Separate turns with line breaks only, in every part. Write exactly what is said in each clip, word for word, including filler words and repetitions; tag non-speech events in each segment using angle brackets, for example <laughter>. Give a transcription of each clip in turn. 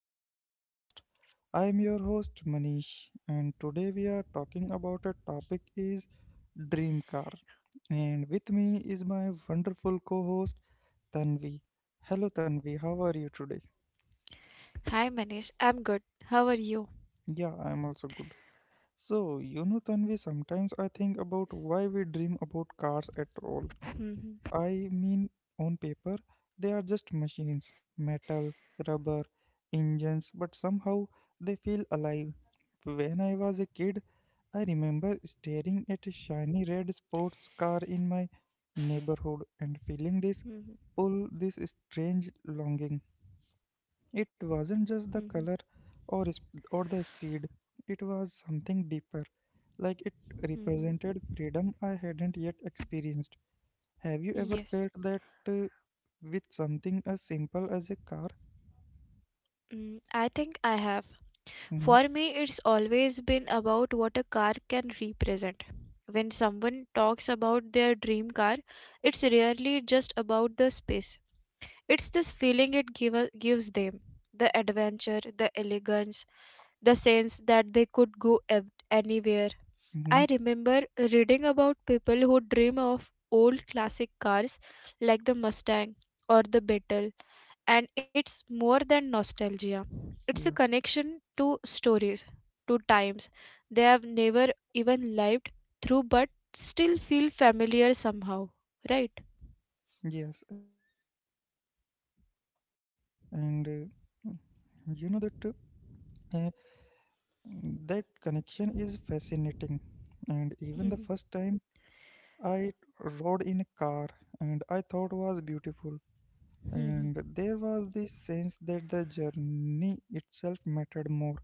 to the podcast. I am your host Manish, and today we are talking about a topic is dream car. And with me is my wonderful co-host Tanvi. Hello, Tanvi. How are you today?
Hi Manish, I'm good. How are you?
Yeah, I am also good. So you know, Tanvi, sometimes I think about why we dream about cars at all. I mean, on paper, they are just machines metal, rubber, engines, but somehow they feel alive. When I was a kid, I remember staring at a shiny red sports car in my neighborhood and feeling this
Mhm,
pull, this strange longing. It wasn't just
mhm,
the color or, sp- or the speed, it was something deeper, like it
mhm.
represented freedom I hadn't yet experienced. Have you ever
Yes.
felt that uh, with something as simple as a car?
Mm, I think I have.
Mm-hmm.
For me, it's always been about what a car can represent. When someone talks about their dream car, it's rarely just about the space. It's this feeling it give, gives them, the adventure, the elegance, the sense that they could go ev- anywhere. I
Mm-hmm.
remember reading about people who dream of old classic cars like the Mustang or the Beetle, and it's more than nostalgia. It's a
Yeah.
connection to stories, to times they have never even lived through but still feel familiar somehow, right?
Yes, exactly. And uh, you know that uh, uh, that connection is fascinating. And even the
Mhm,
first time I rode in a car and I thought was beautiful.
mhm,
And there was this sense that the journey itself mattered more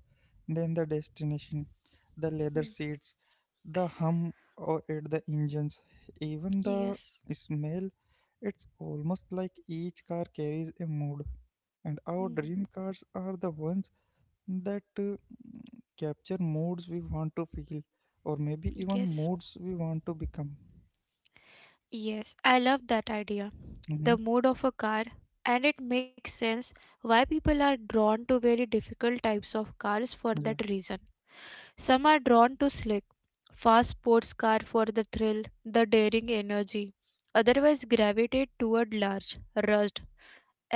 than the destination, the leather
mhm.
seats, the hum or at the engines, even the
Yes.
smell. It's almost like each car carries a mood, and our
Mhm.
dream cars are the ones that uh, capture moods we want to feel, or maybe even
Yes.
moods we want to become.
Yes, I love that idea.
Mm-hmm.
The mode of a car, and it makes sense why people are drawn to very difficult types of cars for
Yeah.
that reason. Some are drawn to slick, fast sports car for the thrill, the daring energy. Otherwise gravitate toward large, rust,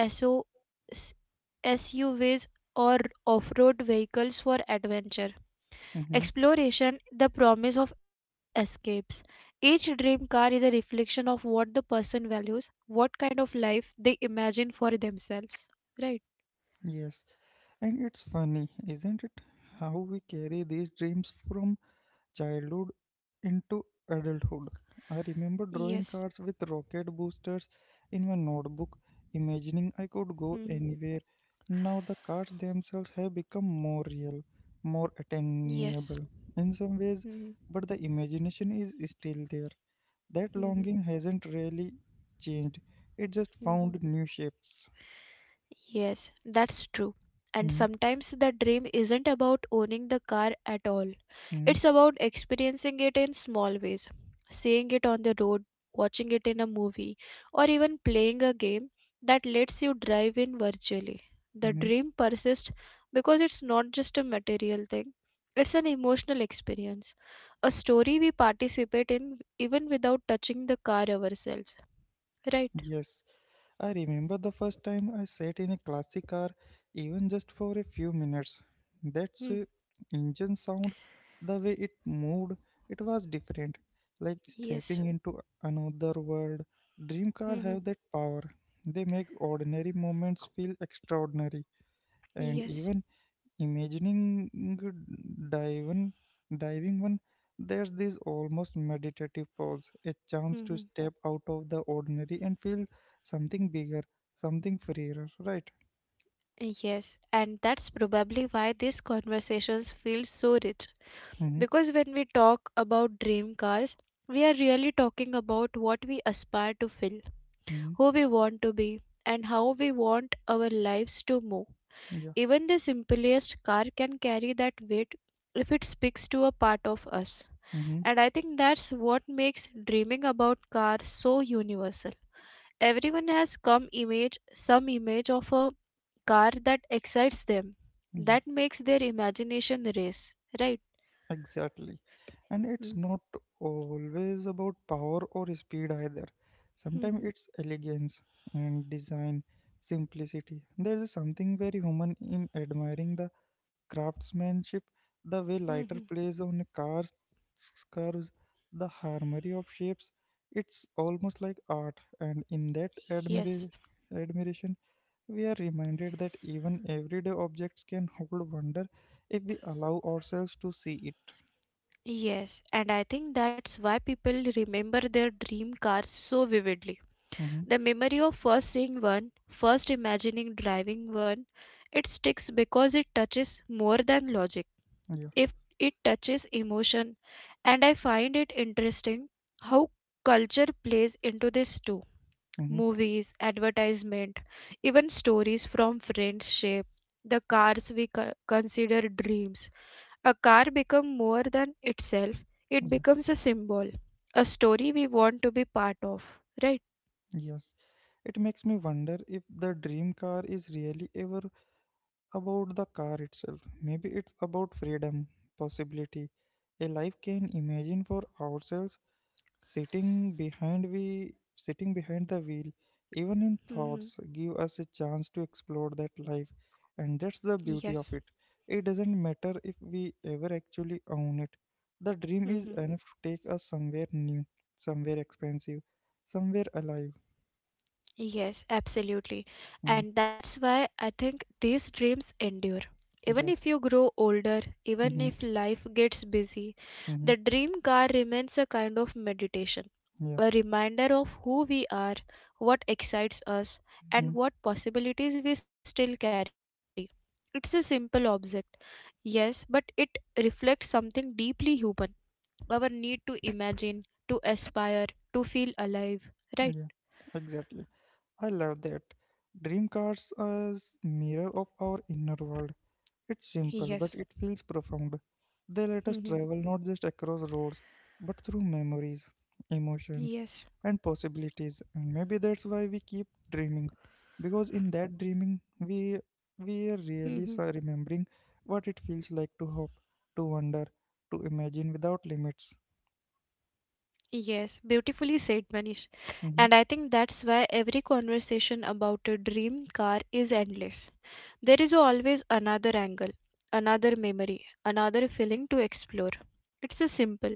SO, s- SUVs or off-road vehicles for adventure.
Mm-hmm.
Exploration, the promise of escapes. Each dream car is a reflection of what the person values, what kind of life they imagine for themselves. Right?
Yes, and it's funny, isn't it? How we carry these dreams from childhood into adulthood. I remember drawing
Yes.
cards with rocket boosters in my notebook, imagining I could
Mhm.
go anywhere. Now the cards themselves have become more real, more
Yes.
attainable in some ways,
Mhm.
but the imagination is still there. That
Mhm.
longing hasn't really changed, it just
Mhm.
found new shapes.
Yes, that's true. And sometimes the dream isn't about owning the car at all.
Hmm.
It's about experiencing it in small ways. Seeing it on the road, watching it in a movie, or even playing a game that lets you drive in virtually. The dream persists because it's not just a material thing, it's an emotional experience, a story we participate in even without touching the car ourselves. Right?
Yes, I remember the first time I sat in a classic car, even just for a few minutes. That's
Hmm.
uh, engine sound, the way it moved, it was different, like stepping
Yes.
into another world. Dream car have
Hmm.
that power. They make ordinary moments feel extraordinary, and
Yes.
even imagining diving diving one, there's this almost meditative pause, a chance to
Hmm.
step out of the ordinary and feel something bigger, something freer, right?
Yes, and that's probably why these conversations feel so rich.
Mm-hmm.
Because when we talk about dream cars, we are really talking about what we aspire to feel,
Mm-hmm.
who we want to be, and how we want our lives to move.
Yeah.
Even the simplest car can carry that weight if it speaks to a part of us.
Mm-hmm.
And I think that's what makes dreaming about cars so universal, everyone has come image some image of a car that excites them,
Yeah,
that makes their imagination race, right?
exactly. And it's
Mm.
not always about power or speed either. Sometimes
Mhm.
it's elegance and design, simplicity. There's something very human in admiring the craftsmanship, the way lighter
Mhm.
plays on cars, curves, the harmony of shapes. It's almost like art, and in that admira-
Yes.
admiration, we are reminded that even everyday objects can hold wonder if we allow ourselves to see it.
Yes, and I think that's why people remember their dream cars so vividly.
Hmm.
The memory of first seeing one, first imagining driving one, it sticks because it touches more than logic.
Yeah.
If it touches emotion. And I find it interesting how culture plays into this too.
Hmm.
Movies, advertisement, even stories from friends shape the cars we co- consider dreams. A car becomes more than itself, it
Yeah.
becomes a symbol, a story we want to be part of, right?
Yes. It makes me wonder if the dream car is really ever about the car itself. Maybe it's about freedom, possibility, a life can imagine for ourselves sitting behind we sitting behind the wheel, even in
Hmm.
thoughts, give us a chance to explore that life. And that's the
Yes.
beauty of it. It doesn't matter if we ever actually own it. The dream is
Hmm.
enough to take us somewhere new, somewhere expensive, somewhere alive.
Yes, absolutely.
Mhm.
And that's why I think these dreams endure. Even
Yeah.
if you grow older, even
Hmm.
if life gets busy,
Hmm.
the dream car remains a kind of meditation,
Yeah.
a reminder of who we are, what excites us, and
Hmm.
what possibilities we still carry. It's a simple object, yes, but it reflects something deeply human, our need to imagine, to aspire, to feel alive, right?
Yeah, exactly. I love that. Dream cars as mirror of our inner world. It's simple, but
Yes.
it feels profound. They let us travel not just across roads, but through memories,
<laughs>
emotions,
Yes.
and possibilities. And maybe that's why we keep dreaming, because in that dreaming, we we
Hmm.
are really s- remembering what it feels like to hope, to wonder, to imagine without limits.
Yes, beautifully said, Manish. And
Mm-hmm.
I think that's why every conversation about a dream car is endless. There is always another angle, another memory, another feeling to explore. It's a simple,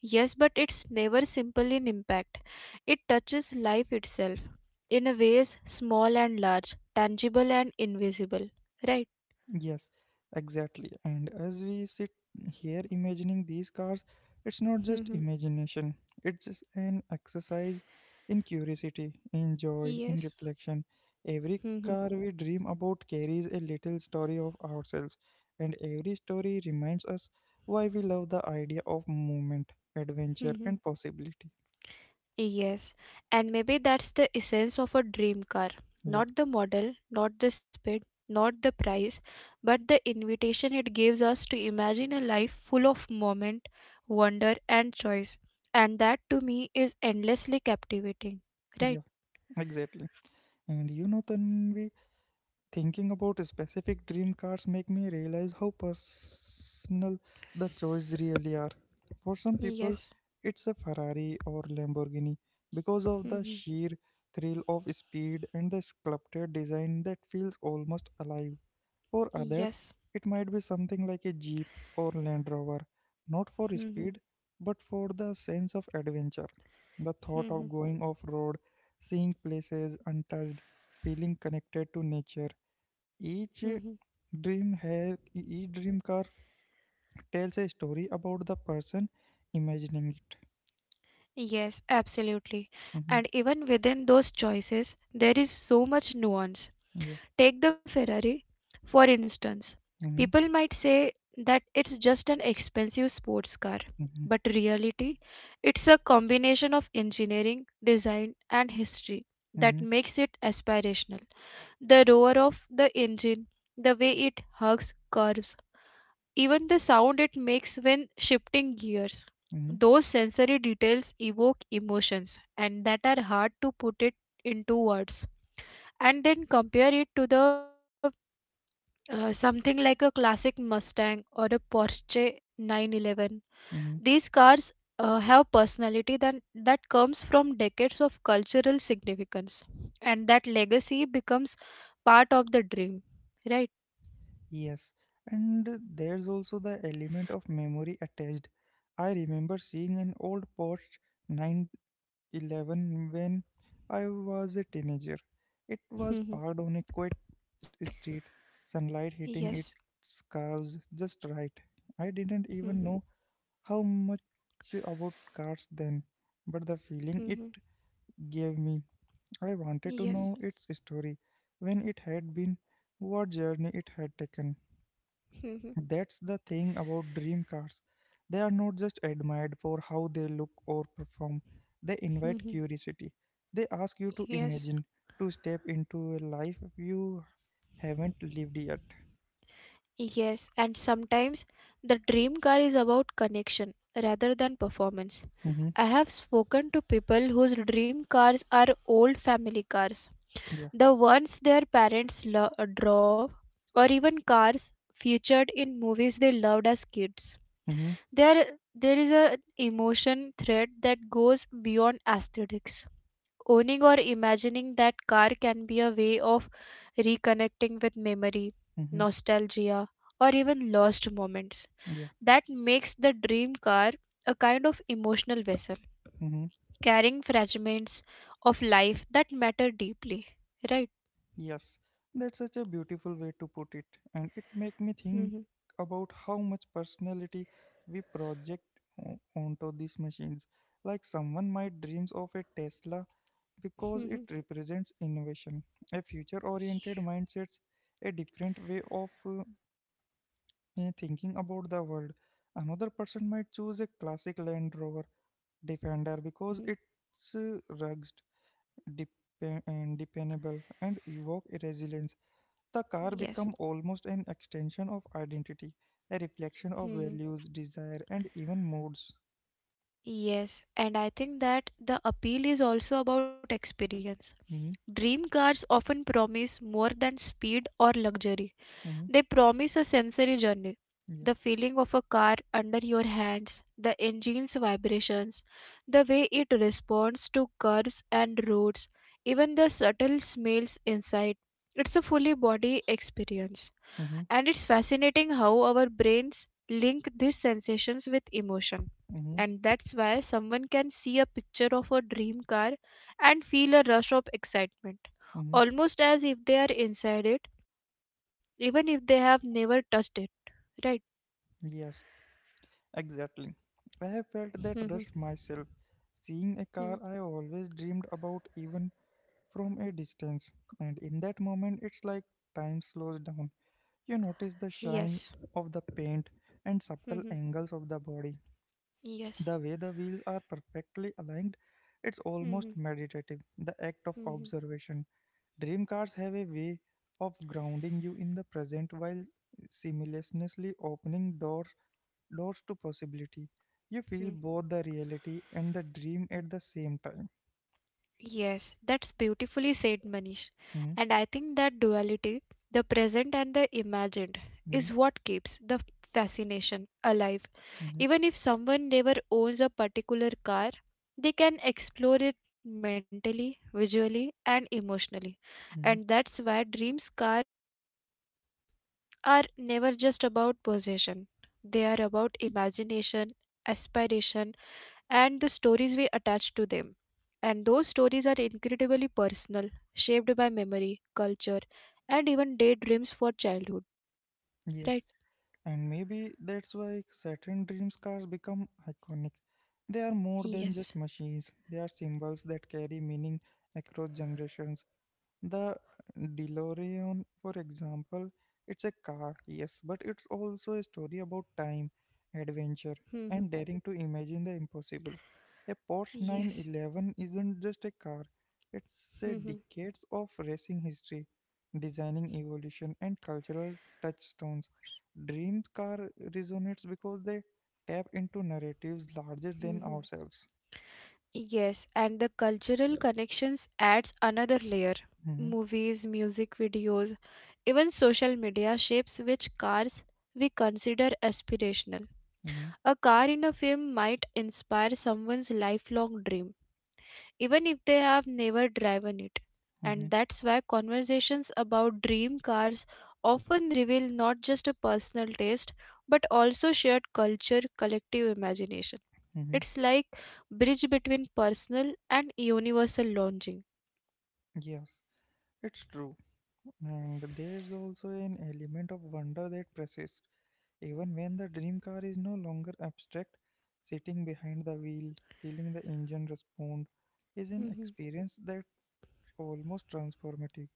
yes, but it's never simple in impact. It touches life itself in a ways small and large, tangible and invisible. Right?
Yes, exactly. And as we sit here imagining these cars, it's not just
Hmm.
imagination, it's just an exercise in curiosity, in joy, in
Yes.
reflection. Every
Hmm.
car we dream about carries a little story of ourselves, and every story reminds us why we love the idea of movement, adventure,
Hmm.
and possibility.
Yes, and maybe that's the essence of a dream car.
Yeah,
Not the model, not the speed, not the price, but the invitation it gives us to imagine a life full of moment, wonder, and choice. And that to me is endlessly captivating.
yeah,
Right?
exactly. And you know, Tanvi, thinking about specific dream cars make me realize how personal the choices really are. For some people,
Yes.
it's a Ferrari or Lamborghini because of the
Mhm.
sheer thrill of speed and the sculpted design that feels almost alive. For others,
Yes.
it might be something like a Jeep or Land Rover, not for
Mhm.
speed but for the sense of adventure. The thought
Mhm.
of going off road, seeing places untouched, feeling connected to nature. each
Mhm.
dream hair, each dream car tells a story about the person imagining it.
Yes, absolutely.
Mhm.
And even within those choices, there is so much nuance.
Yeah.
Take the Ferrari, for instance.
Hmm.
People might say that it's just an expensive sports car,
Hmm.
but reality, it's a combination of engineering, design, and history that
Hmm.
makes it aspirational. The roar of the engine, the way it hugs curves, even the sound it makes when shifting gears.
Hmm.
Those sensory details evoke emotions and that are hard to put it into words. And then compare it to the uh, something like a classic Mustang or a Porsche nine eleven.
Hmm.
These cars uh, have personality that, that comes from decades of cultural significance, and that legacy becomes part of the dream, right?
Yes. And there's also the element of memory attached. I remember seeing an old Porsche nine eleven when I was a teenager. It was
Mhm.
parked on a quiet street, sunlight hitting
Yes.
its curves just right. I didn't even
Mhm.
know how much about cars then? But the feeling it
Mhm.
gave me, I wanted to
Yes.
know its story, when it had been, what journey it had taken.
Mhm.
That's the thing about dream cars. They are not just admired for how they look or perform, they invite
Mhm.
curiosity. They ask you to
Yes.
imagine, to step into a life you haven't lived yet.
Yes, and sometimes the dream car is about connection rather than performance.
Mm-hmm.
I have spoken to people whose dream cars are old family cars,
Yeah.
the ones their parents lo- draw, or even cars featured in movies they loved as kids.
Mm-hmm.
There, there is an emotion thread that goes beyond aesthetics. Owning or imagining that car can be a way of reconnecting with memory,
Mm-hmm.
nostalgia, or even lost moments.
Yeah.
That makes the dream car a kind of emotional vessel,
Mm-hmm.
carrying fragments of life that matter deeply. Right?
Yes, that's such a beautiful way to put it, and it make me
Hmm.
think about how much personality we project o- onto these machines. Like someone might dreams of a Tesla because it
Hmm.
represents innovation, a future-oriented mindset, a different way of uh, uh, thinking about the world. Another person might choose a classic Land Rover Defender because
Hmm.
it's uh, rugged, dep- and dependable, and evoke resilience. The car
Yes.
become almost an extension of identity, a reflection of
Hmm.
values, desire, and even moods.
Yes. And I think that the appeal is also about experience.
Hmm.
Dream cars often promise more than speed or luxury.
Hmm.
They promise a sensory journey,
Yeah.
the feeling of a car under your hands, the engine's vibrations, the way it responds to curves and roads, even the subtle smells inside. It's a fully body experience.
Hmm.
And it's fascinating how our brains link these sensations with emotion.
Hmm.
And that's why someone can see a picture of a dream car and feel a rush of excitement,
Hmm.
almost as if they are inside it, even if they have never touched it, right?
Yes, exactly. I have felt that rush
Mm-hmm.
myself. Seeing a car I always dreamed about, even from a distance. And in that moment, it's like time slows down. You notice the shine
Yes.
of the paint and subtle angles
Hmm.
of the body. The way the
Yes.
wheels are perfectly aligned, it's almost
Mm-hmm.
meditative, the act of observation. Dream cars have a way of grounding you in the present while simultaneously opening doors doors to possibility. You feel both the reality and the dream at the same time.
Yes, that's beautifully said, Manish.
Mhm.
And I think that duality, the present and the imagined,
Mhm.
is what keeps the fascination alive.
Mhm.
Even if someone never owns a particular car, they can explore it mentally, visually, and emotionally.
Mhm.
And that's why dreams car are never just about possession. They are about imagination, aspiration, and the stories we attach to them. And those stories are incredibly personal, shaped by memory, culture, and even daydreams for childhood,
Yes.
right?
And maybe that's why Saturn dreams cars become iconic. They are more than just
Yes.
machines, they are symbols that carry meaning across generations. The DeLorean, for example, it's a car, yes, but it's also a story about time, adventure, and
Hmm.
daring to imagine the impossible. A Porsche
Yes.
nine eleven isn't just a car, it's a
Hmm.
decades of racing history, designing evolution, and cultural touchstones. Dream car resonates because they tap into narratives larger than
Hmm.
ourselves.
Yes, and the cultural connections adds another layer.
Hmm.
Movies, music videos, even social media shapes which cars we consider aspirational.
Hmm.
A car in a film might inspire someone's lifelong dream, even if they have never driven it.
Hmm.
And that's why conversations about dream cars often reveal not just a personal taste but also shared culture, collective imagination.
Hmm.
It's like bridge between personal and universal longing.
Yes, it's true. And there's also an element of wonder that persists. Even when the dream car is no longer abstract, sitting behind the wheel, feeling the engine respond, is an
Hmm.
experience that's almost transformative.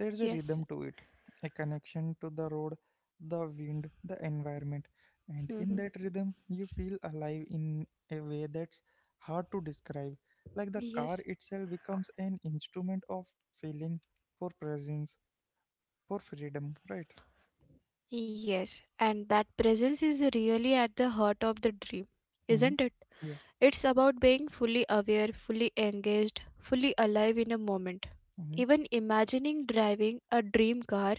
There's a rhythm
Yes.
to it, a connection to the road, the wind, the environment, and in that
Hmm.
rhythm, you feel alive in a way that's hard to describe. Like the car
Yes.
itself becomes an instrument of feeling, for presence, for freedom, right?
Yes, and that presence is really at the heart of the dream, isn't
Hmm.
it?
Yeah.
It's about being fully aware, fully engaged, fully alive in a moment.
Hmm.
Even imagining driving a dream car,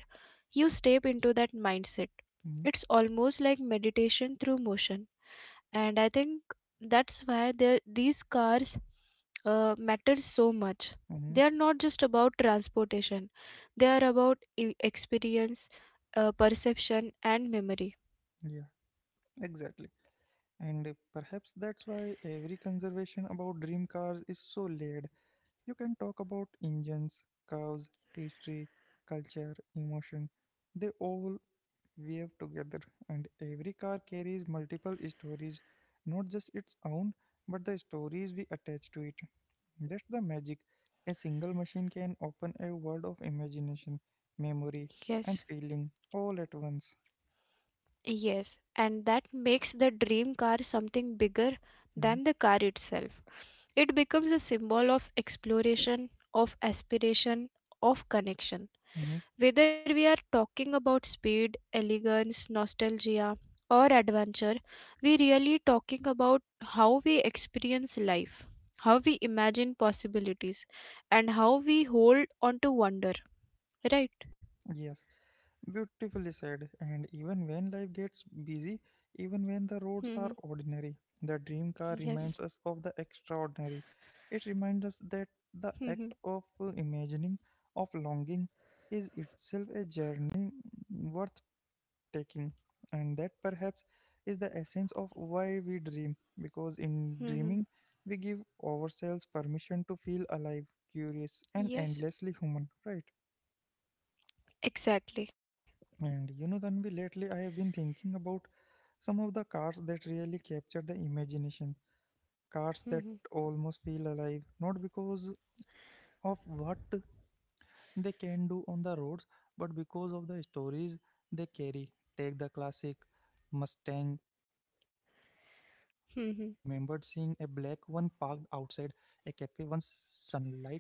you step into that mindset.
Hmm.
It's almost like meditation through motion. And I think that's why there- these cars uh, matter so much.
Hmm.
They are not just about transportation, they are about e- experience, uh, perception, and memory.
Yeah. Exactly. And uh, perhaps that's why every conservation about dream cars is so layered. You can talk about engines, cars, history, culture, emotion. They all weave together, and every car carries multiple stories, not just its own, but the stories we attach to it. That's the magic. A single machine can open a world of imagination, memory, and
Yes.
feeling all at once.
Yes, and that makes the dream car something bigger
Mhm.
than the car itself. It becomes a symbol of exploration, of aspiration, of connection.
Mhm.
Whether we are talking about speed, elegance, nostalgia, or adventure, we really talking about how we experience life, how we imagine possibilities, and how we hold on to wonder. Right?
Yes. Beautifully said. And even when life gets busy, even when the
Hmm.
roads are ordinary, the dream car
Yes.
reminds us of the extraordinary. It reminds
Hmm.
us that the act of uh, imagining, of longing, is itself a journey worth taking. And that perhaps is the essence of why we dream, because in
Hmm.
dreaming, we give ourselves permission to feel alive, curious, and
Yes.
endlessly human, right?
Exactly.
And you know, Tanvi, lately I have been thinking about some of the cards that really capture the imagination,
Mhm,
cards that almost feel alive, not because of what they can do on the roads, but because of the stories they carry. Take the classic Mustang, for example. I remembered seeing a
mhm.
black one parked outside a cafe once, sunlight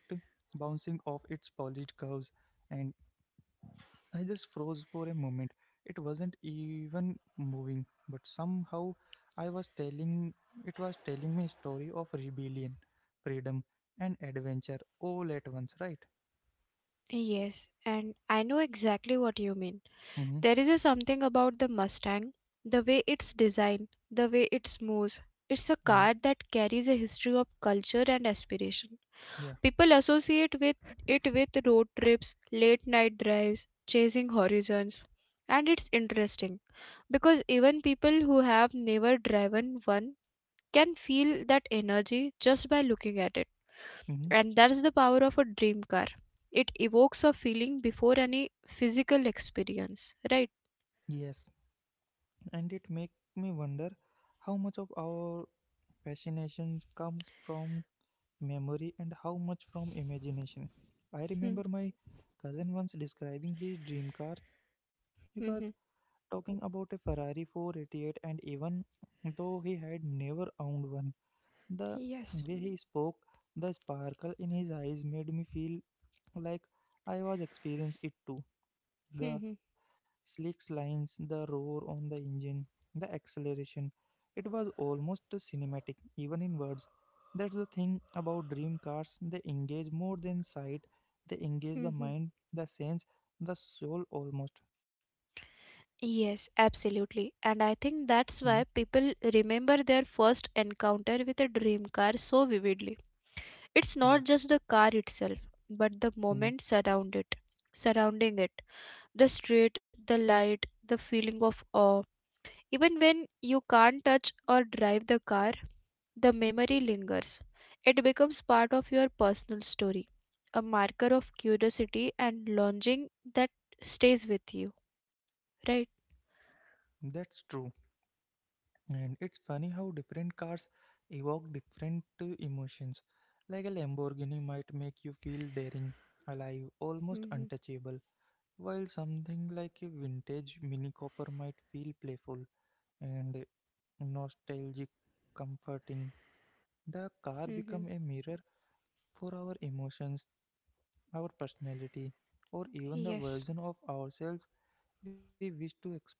bouncing off its polished curves, and I just froze for a moment. It wasn't even moving, but somehow I was telling it was telling me a story of rebellion, freedom, and adventure all at once, right?
Yes, and I know exactly what you mean.
Mm-hmm.
There is a something about the Mustang, the way it's designed, the way it moves. It's a car
Hmm.
that carries a history of culture and aspiration.
Yeah.
People associate with it with road trips, late night drives, chasing horizons. And it's interesting because even people who have never driven one can feel that energy just by looking at it.
Mm-hmm.
And that's the power of a dream car. It evokes a feeling before any physical experience, right?
Yes. And it make me wonder how much of our fascinations comes from memory and how much from imagination. I
Hmm,
remember my cousin once describing his dream car. He was
hmm, hmm.
talking about a Ferrari four eight eight, and even though he had never owned one, the
Yes.
way he spoke, the sparkle in his eyes made me feel like I was experiencing it too.
Hmm,
The
hmm,
slick lines, the roar on the engine, the acceleration. It was almost cinematic, even in words. That's the thing about dream cars, they engage more than sight, they engage the
hmm, hmm.
mind, the sense, the soul almost.
Yes, absolutely. And I think
Mhm.
that's why people remember their first encounter with a dream car so vividly. It's
Yeah.
not just the car itself, but the moment surround it, surrounding it, the street, the light, the feeling of awe. Even when you can't touch or drive the car, the memory lingers. It becomes part of your personal story, a marker of curiosity and longing that stays with you, right?
That's true. And it's funny how different cars evoke different uh, emotions. Like a Lamborghini might make you feel daring, alive, almost
Mm-hmm.
untouchable, while something like a vintage Mini Cooper might feel playful and uh, nostalgic, comforting. The car
Mm-hmm.
become a mirror for our emotions, our personality, or even the
Yes.
version of ourselves we wish to explore.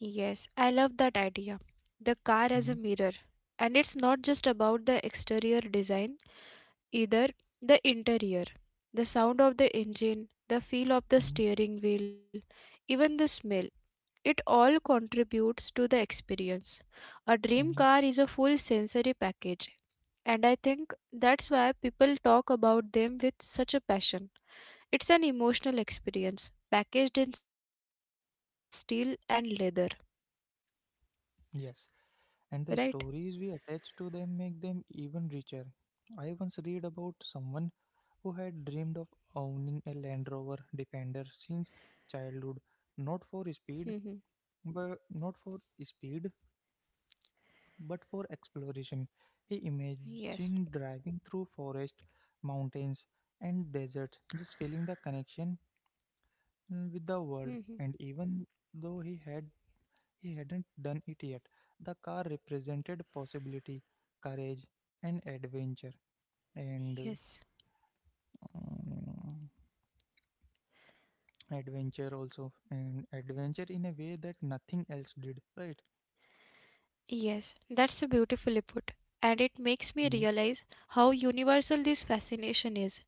Yes, I love that idea. The car
Hmm.
as a mirror. And it's not just about the exterior design, either the interior. The sound of the engine, the feel of the
Hmm.
steering wheel, even the smell. It all contributes to the experience. A dream
Hmm.
car is a full sensory package, and I think that's why people talk about them with such a passion. It's an emotional experience, packaged in steel and leather,
Yes.
right?
And the stories we attach to them make them even richer. I once read about someone who had dreamed of owning a Land Rover Defender since childhood, not for
Hmm.
speed, but not for speed, but for exploration. He
Yes.
imagined driving through forest, mountains, and deserts, just feeling the connection uh, with the world.
Hmm.
And even though he had he hadn't done it yet. The car represented possibility, courage, and adventure. And
Yes.
um, adventure also. And adventure in a way that nothing else did, right?
Yes, that's beautifully put. And it makes me
Yeah.
realize how universal this fascination is.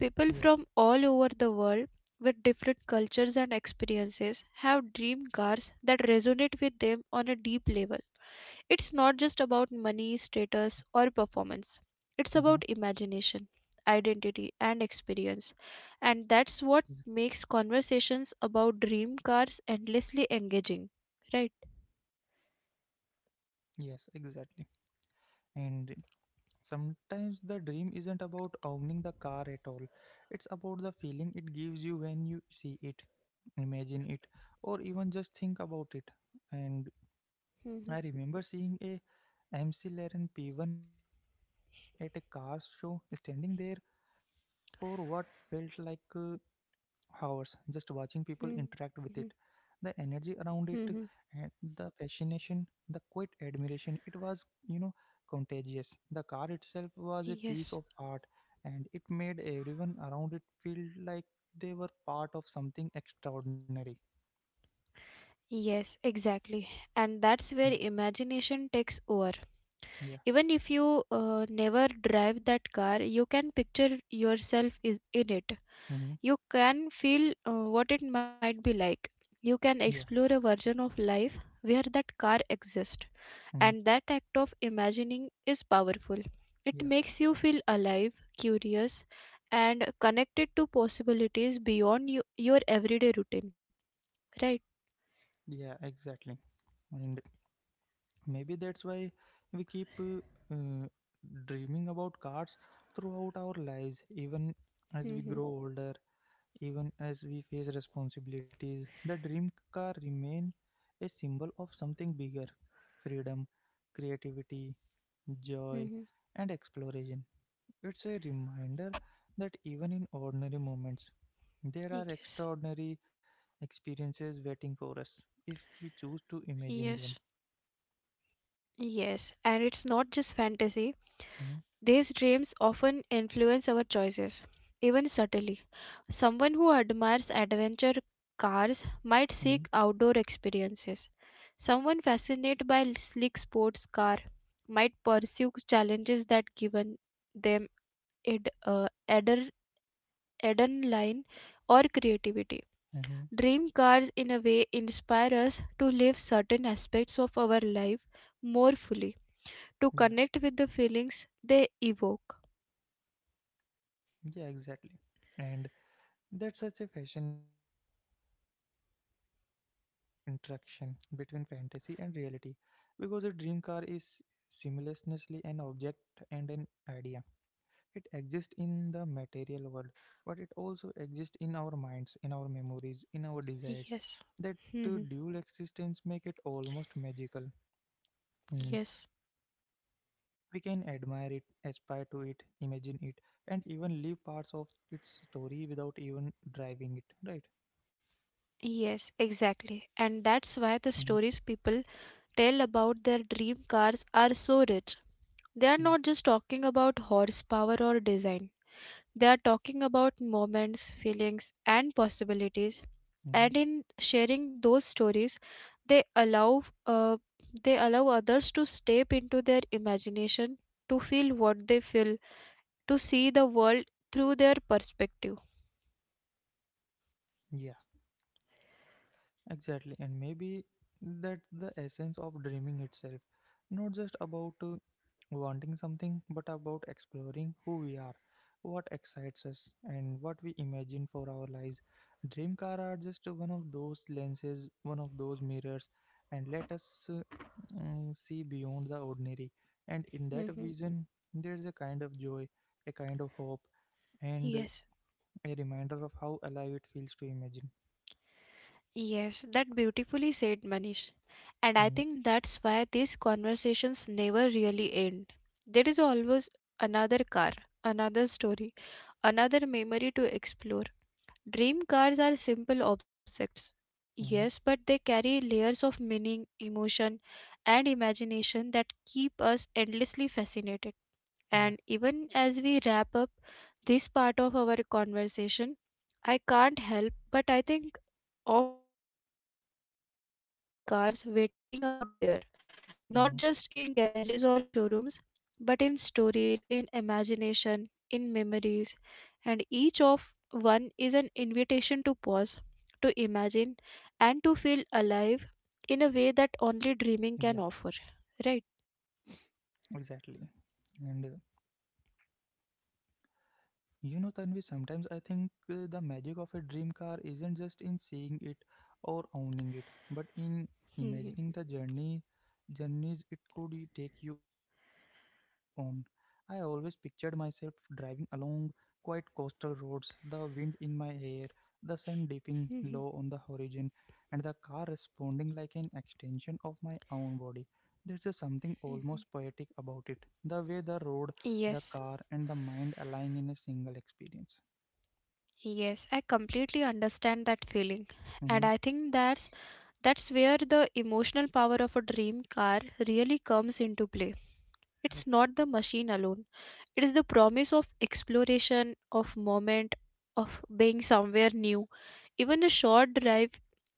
People
Yeah.
from all over the world with different cultures and experiences have dream cars that resonate with them on a deep level. It's not just about money, status, or performance,
Mm-hmm.
it's about imagination, identity, and experience. And
Yeah.
that's what makes conversations about dream cars endlessly engaging. Right?
Yes, exactly. And sometimes the dream isn't about owning the car at all. It's about the feeling it gives you when you see it, imagine it, or even just think about it. And
hmm
I remember seeing a MC Laren P one at a car show, standing there for what felt like uh, hours, just watching people interact with it.
hmm
The energy around it,
hmm
and the fascination, the quiet admiration, it was, you know, contagious. The car itself was a
Yes.
piece of art, and it made everyone around it feel like they were part of something extraordinary.
Yes, exactly. And that's
Mm.
where imagination takes over.
Yeah.
Even if you uh, never drive that car, you can picture yourself is in it.
Hmm.
You can feel uh, what it might be like. You can
Yeah.
explore a version of life where that car exists.
Hmm.
And that act of imagining is powerful. It
Yeah.
makes you feel alive, curious, and connected to possibilities beyond you, your everyday routine. Right?
Yeah. Exactly. Maybe that's why we keep uh, uh, dreaming about cars throughout our lives, even as we
Mm-hmm.
grow older, even as we face responsibilities. The dream car remain a symbol of something bigger: freedom, creativity, joy,
Mm-hmm.
and exploration. It's a reminder that even in ordinary moments there are
Yes.
extraordinary experiences waiting for us if we choose to
Yes.
imagine them.
Yes, and it's not just fantasy.
Mhm.
These dreams often influence our choices, even subtly. Someone who admires adventure cars might seek
Mhm.
outdoor experiences. Someone fascinated by sleek sports car might pursue challenges that given them ad, uh, adder- adrenaline or creativity.
Mhm.
Dream cars, in a way, inspire us to live certain aspects of our life more fully, to
Yeah,
connect with the feelings they evoke.
yeah, exactly. And that's such a fascinating, mm, you know, interaction between fantasy and reality, because a dream car is simultaneously an object and an idea. It exists in the material world, but it also exists in our minds, in our memories, in our desires.
Yes.
That uh,
Mhm.
dual existence make it almost magical. And
Yes.
we can admire it, aspire to it, imagine it, and even live parts of its story without even driving it, right?
Yes, exactly. And that's why the
Mhm.
stories people tell about their dream cars are so rich. They are
Yeah.
not just talking about horsepower or design. They are talking about moments, feelings, and possibilities.
Mhm.
And in sharing those stories, they allow uh, they allow others to step into their imagination, to feel what they feel, to see the world through their perspective.
Yeah. Exactly, and maybe that's the essence of dreaming itself. Not just about uh, wanting something, but about exploring who we are, what excites us, and what we imagine for our lives. Dream car are just one of those lenses, one of those mirrors, and let us uh, mm, see beyond the ordinary. And in that
Mhm.
vision, there's a kind of joy, a kind of hope, and uh,
Yes.
a reminder of how alive it feels to imagine.
Yes, that beautifully said, Manish. And I
Mm-hmm.
think that's why these conversations never really end. There is always another car, another story, another memory to explore. Dream cars are simple objects,
Mm-hmm.
yes, but they carry layers of meaning, emotion, and imagination that keep us endlessly fascinated.
Yeah.
And even as we wrap up this part of our conversation, I can't help but I think of all the dream cars waiting out there, not just in garages or
Hmm.
showrooms, but in stories, in imagination, in memories. And each of one is an invitation to pause, to imagine, and to feel alive in a way that only
Yeah,
dreaming can offer. Right?
exactly. And uh, you know, Tanvi, sometimes I think uh, the magic of a dream car isn't just in seeing it or owning it, but in
Mhm,
imagining the journey journeys it could y- take you on. I always pictured myself driving along quiet coastal roads, the wind in my hair, the sun dipping low on the horizon, and the car responding like an extension of my own body. There's just something
mhm.
almost poetic about it. The way the road, the
Yes,
car, and the mind aligning in a single experience.
yes, I completely understand that feeling. And
Mm-hmm.
I think that's that's where the emotional power of a dream car really comes into play.
Yeah.
It's not the machine alone, it is the promise of exploration, of moment, of being somewhere new. Even a short drive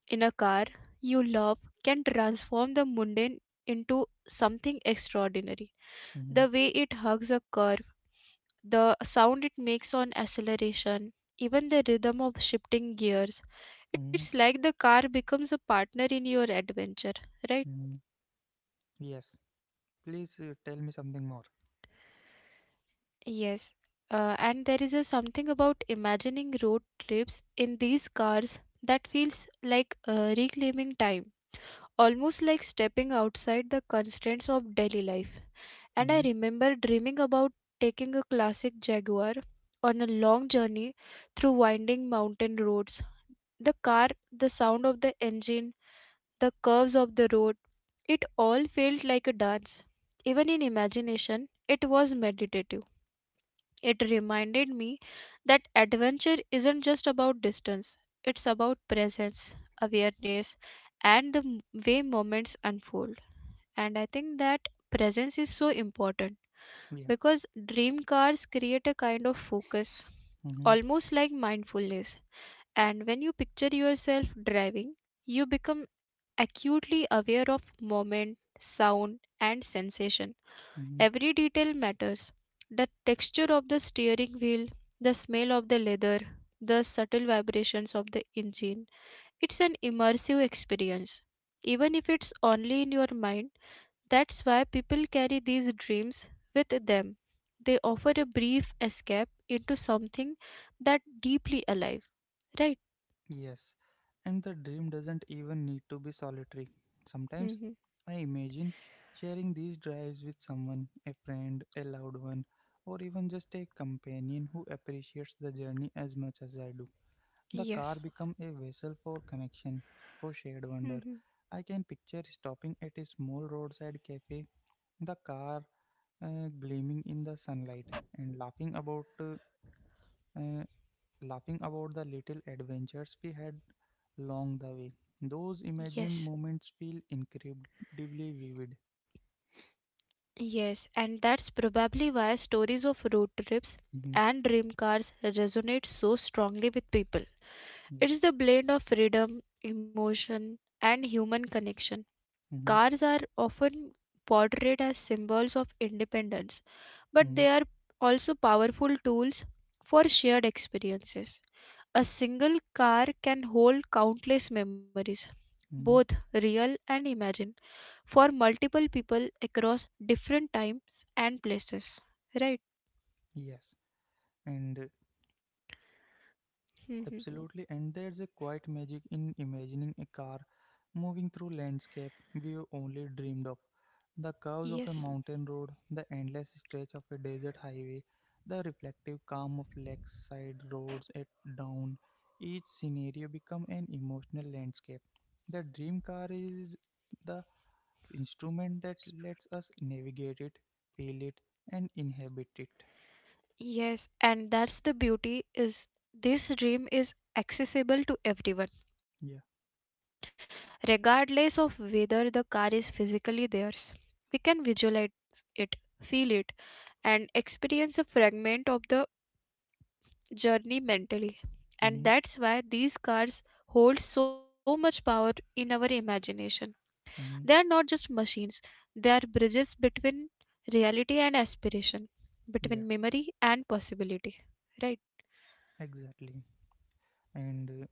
in a car you love can transform the mundane into something extraordinary.
Mm-hmm.
The way it hugs a curve, the sound it makes on acceleration, even the rhythm of shifting gears.
Mm-hmm.
It's like the car becomes a partner in your adventure, right?
Mm-hmm. Yes. Please uh, tell me something more.
Yes, uh, and there is a something about imagining road trips in these cars that feels like uh, reclaiming time, almost like stepping outside the constraints of daily life. And I
Mm-hmm.
remember dreaming about taking a classic Jaguar on a long journey through winding mountain roads. The car, the sound of the engine, the curves of the road, it all felt like a dance. Even in imagination, it was meditative. It reminded me that adventure isn't just about distance, it's about presence, awareness, and the m- way moments unfold. And I think that presence is so important
Yeah.
because dream cars create a kind of focus,
Mm-hmm.
almost like mindfulness. And when you picture yourself driving, you become acutely aware of moment, sound, and sensation.
Mm-hmm.
Every detail matters the texture of the steering wheel, the smell of the leather, the subtle vibrations of the engine. It's an immersive experience, even if it's only in your mind. That's why people carry these dreams with them. They offer a brief escape into something that deeply alive, right?
Yes. And the dream doesn't even need to be solitary. Sometimes
hmm
I imagine sharing these drives with someone, a friend, a loved one, or even just a companion who appreciates the journey as much as I do. The car
Yes.
become a vessel for connection, for shared wonder.
hmm
I can picture stopping at a small roadside cafe, the car uh, gleaming in the sunlight, and laughing about uh, uh, laughing about the little adventures we had along the way. Those
Yes.
imagined moments feel incredibly vivid.
Yes, and that's probably why stories of road trips
Hmm.
and dream cars resonate so strongly with people.
Yeah.
It's the blend of freedom, emotion, and human connection.
Hmm.
Cars are often portrayed as symbols of independence, but
Hmm.
they are also powerful tools for shared experiences. A single car can hold countless memories, both
Hmm.
real and imagined for multiple people across different times and places, right?
Yes. And uh,
Mhm.
Absolutely, and there's a quiet magic in imagining a car moving through landscape we only dreamed of. The curves of a
Yes,
mountain road, the endless stretch of a desert highway, the reflective calm of lakeside roads at dawn. Each scenario become an emotional landscape. The dream car is the instrument that lets us navigate it, feel it, and inhabit it.
yes, and that's the beauty is this dream is accessible
Yeah.
to everyone regardless of whether the car is physically theirs. We can visualize it, feel it, and experience a fragment of the journey mentally,
Mm-hmm.
and that's why these cars hold so much power in our imagination.
Mm-hmm.
They are not just machines, they are bridges between reality and aspiration,
Yeah.
between memory and possibility. Right?
Exactly. And uh,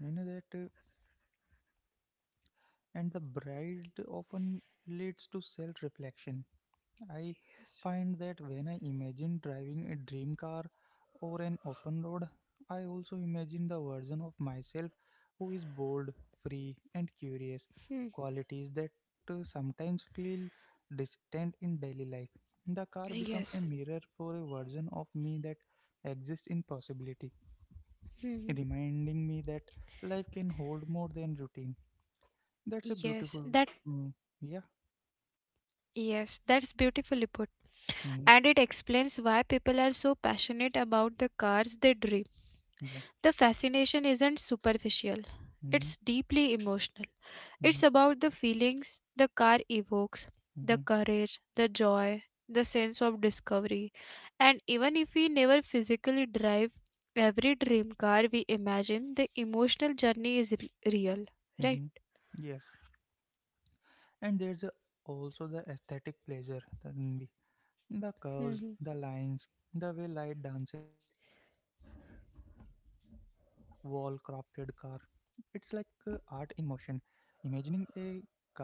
you know that, uh, and the bride often leads to self reflection. I find
Yes.
that when I imagine driving a dream car or an open road, I also imagine the version of myself who is bold, free, and curious,
Hmm.
qualities that uh, sometimes feel distant in daily life. The car becomes a
Yes.
mirror for a version of me that exists in possibility,
Hmm.
reminding me that life can hold more than routine. That's a
Yes.
beautiful.
That
Mm, yeah.
Yes, that's beautifully put.
Mm,
And it explains why people are so passionate about the cars they dream.
yeah.
The fascination isn't superficial.
Mm,
It's deeply emotional.
mm,
It's about the feelings the car evokes,
mm,
the courage, the joy, the sense of discovery. And even if we never physically drive every dream car we imagine, the emotional journey is re- real, right?
mm, yes. And there's a, also the aesthetic pleasure, Tanvi. The curves,
hmm
the lines, the way light dances on the surface of a wall crafted car. It's like uh, art in motion. Imagining a car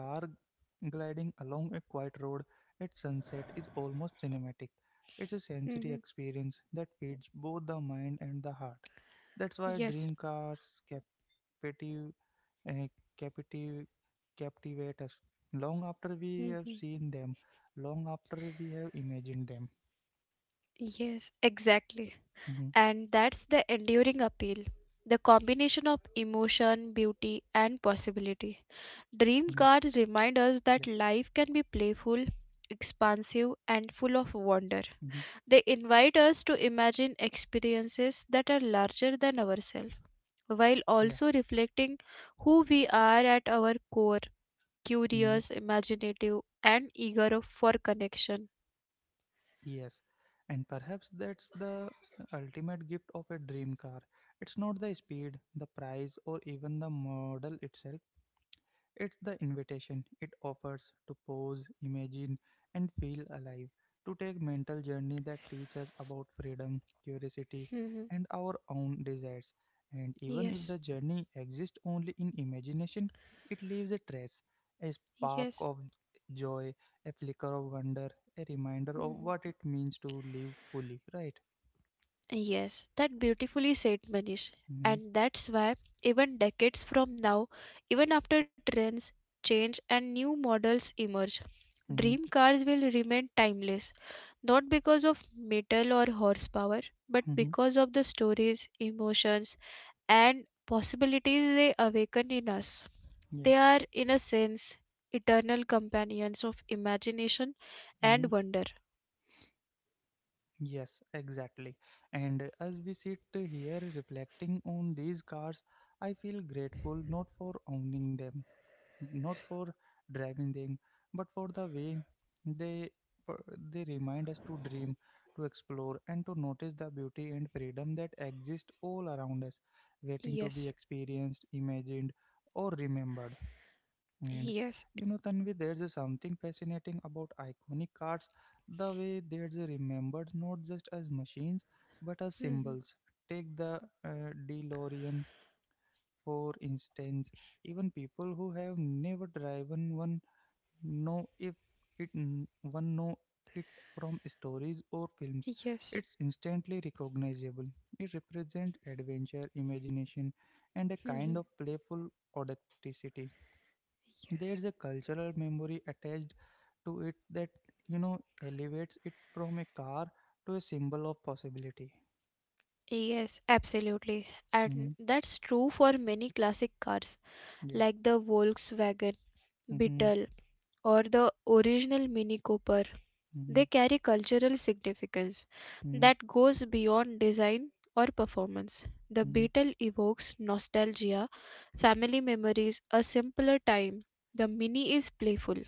gliding along a quiet road at sunset is almost cinematic. It's a sensory
hmm
experience that feeds both the mind and the heart. That's why
Yes.
dream cars captive, uh, captive, captivate us long after we have
hmm
seen them, long after we have imagined them.
Yes, exactly.
Hmm.
And that's the enduring appeal the combination of emotion, beauty, and possibility.
Hmm.
Dream cards
Yeah.
remind us that life can be playful, expansive, and full of wonder.
Hmm.
They invite us to imagine experiences that are larger than ourselves, while
Yeah.
also reflecting who we are at our core
Mhm.
curious, imaginative, and eager of- for connection.
Yes, and perhaps that's the ultimate gift of a dream car. It's not the speed, the price, or even the model itself. It's the invitation it offers to pause, imagine, and feel alive, to take mental journey that teach us about freedom, curiosity,
Mhm.
and our own desires. And even if
Yes,
the journey exists only in imagination, it leaves a trace, a spark
yes.
of joy, a flicker of wonder, a reminder of
Mhm.
what it means to live fully. Right?
Yes, that beautifully said Manish.
Mm-hmm,
And that's why, even decades from now, even after trends change and new models emerge,
mm-hmm,
dream cars will remain timeless, not because of metal or horsepower, but
mm-hmm,
because of the stories, emotions, and possibilities they awaken in us.
yeah.
They are, in a sense, eternal companions of imagination
Mm-hmm.
and wonder.
Yes, exactly. And as we sit here reflecting on these cars, I feel grateful not for owning them, not for driving them, but for the way they they remind us to dream, to explore, and to notice the beauty and freedom that exist all around us, waiting to be
Yes,
experienced, imagined, or remembered. And
yes, <laughs>
you know, Tanvi, there's a something fascinating about iconic cars, the way they're just remembered not just as machines but as
Mhm.
symbols. Take the uh, DeLorean, for instance. Even people who have never driven one know if it n- one know it from stories or films.
Yes.
It's instantly recognizable. It represents adventure, imagination, and a kind
Mhm.
of playful audacity.
Yes.
There's a cultural memory attached to it that, you know, elevates it from a car to a symbol of possibility.
Yes, absolutely. And
Hmm.
that's true for many classic cars
Yeah.
like the Volkswagen
Mm-hmm.
Beetle or the original Mini Cooper. They
Mm-hmm.
carry cultural significance
Mm-hmm.
that goes beyond design or performance. The
Mm-hmm.
Beetle evokes nostalgia, family memories, a simpler time. The Mini is playful,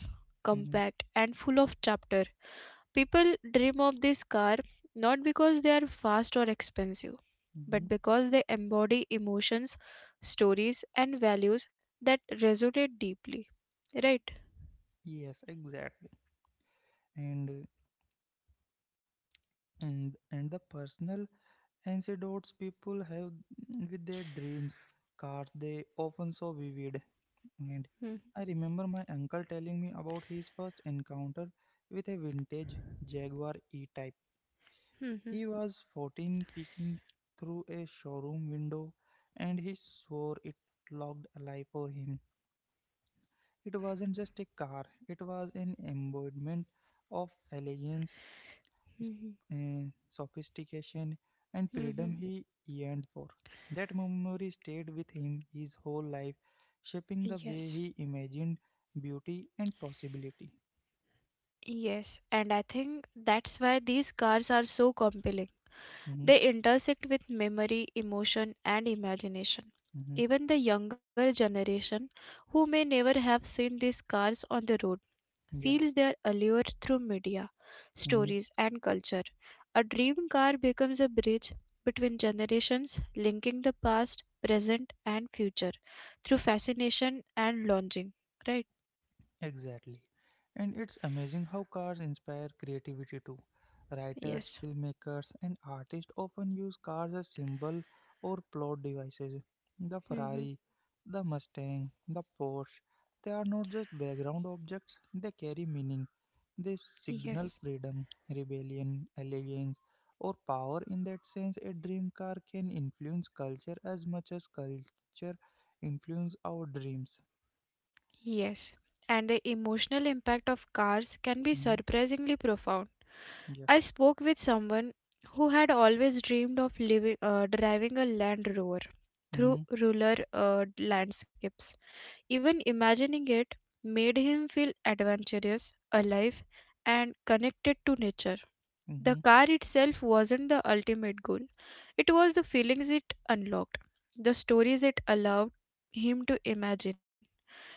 Mm-hmm.
compact, and full of chapter. People dream of this car not because they are fast or expensive,
Mm-hmm.
but because they embody emotions, stories, and values that resonate deeply. Right?
Yes, exactly. And uh, and and the personal anecdotes people have with their dreams cars, they often so vivid. And
Mm-hmm.
I remember my uncle telling me about his first encounter with a vintage Jaguar E-Type. He was fourteen, peeking through a showroom window, and he swore it looked alive for him. It wasn't just a car, it was an embodiment of elegance, s- eh, sophistication, and freedom he yearned for. That memory stayed with him his whole life, shaping the way
Yes.
he imagined beauty and possibility.
Yes, and I think that's why these cars are so compelling.
Mhm.
They intersect with memory, emotion, and imagination.
Mhm.
Even the younger generation who may never have seen these cars on the road
Yeah.
feels their allure through media,
Mm-hmm.
stories, and culture. A dream car becomes a bridge between generations, linking the past, present, and future through fascination and longing. Right?
Exactly. And it's amazing how cars inspire creativity too. Writers,
Yes.
filmmakers, and artists often use cars as symbol or plot devices. The
hmm
Ferrari, the Mustang, the Porsche, they are not just background objects, they carry meaning. They signal
Yes.
freedom, rebellion, elegance, or power. In that sense, a dream car can influence culture as much as culture influence our dreams.
Yes. And the emotional impact of cars can be
Mhm.
surprisingly profound.
Yeah.
I spoke with someone who had always dreamed of living, uh, driving a Land Rover through
Mhm.
rural uh, landscapes. Even imagining it made him feel adventurous, alive, and connected to nature.
Mm-hmm.
The car itself wasn't the ultimate goal, it was the feelings it unlocked, the stories it allowed him to imagine.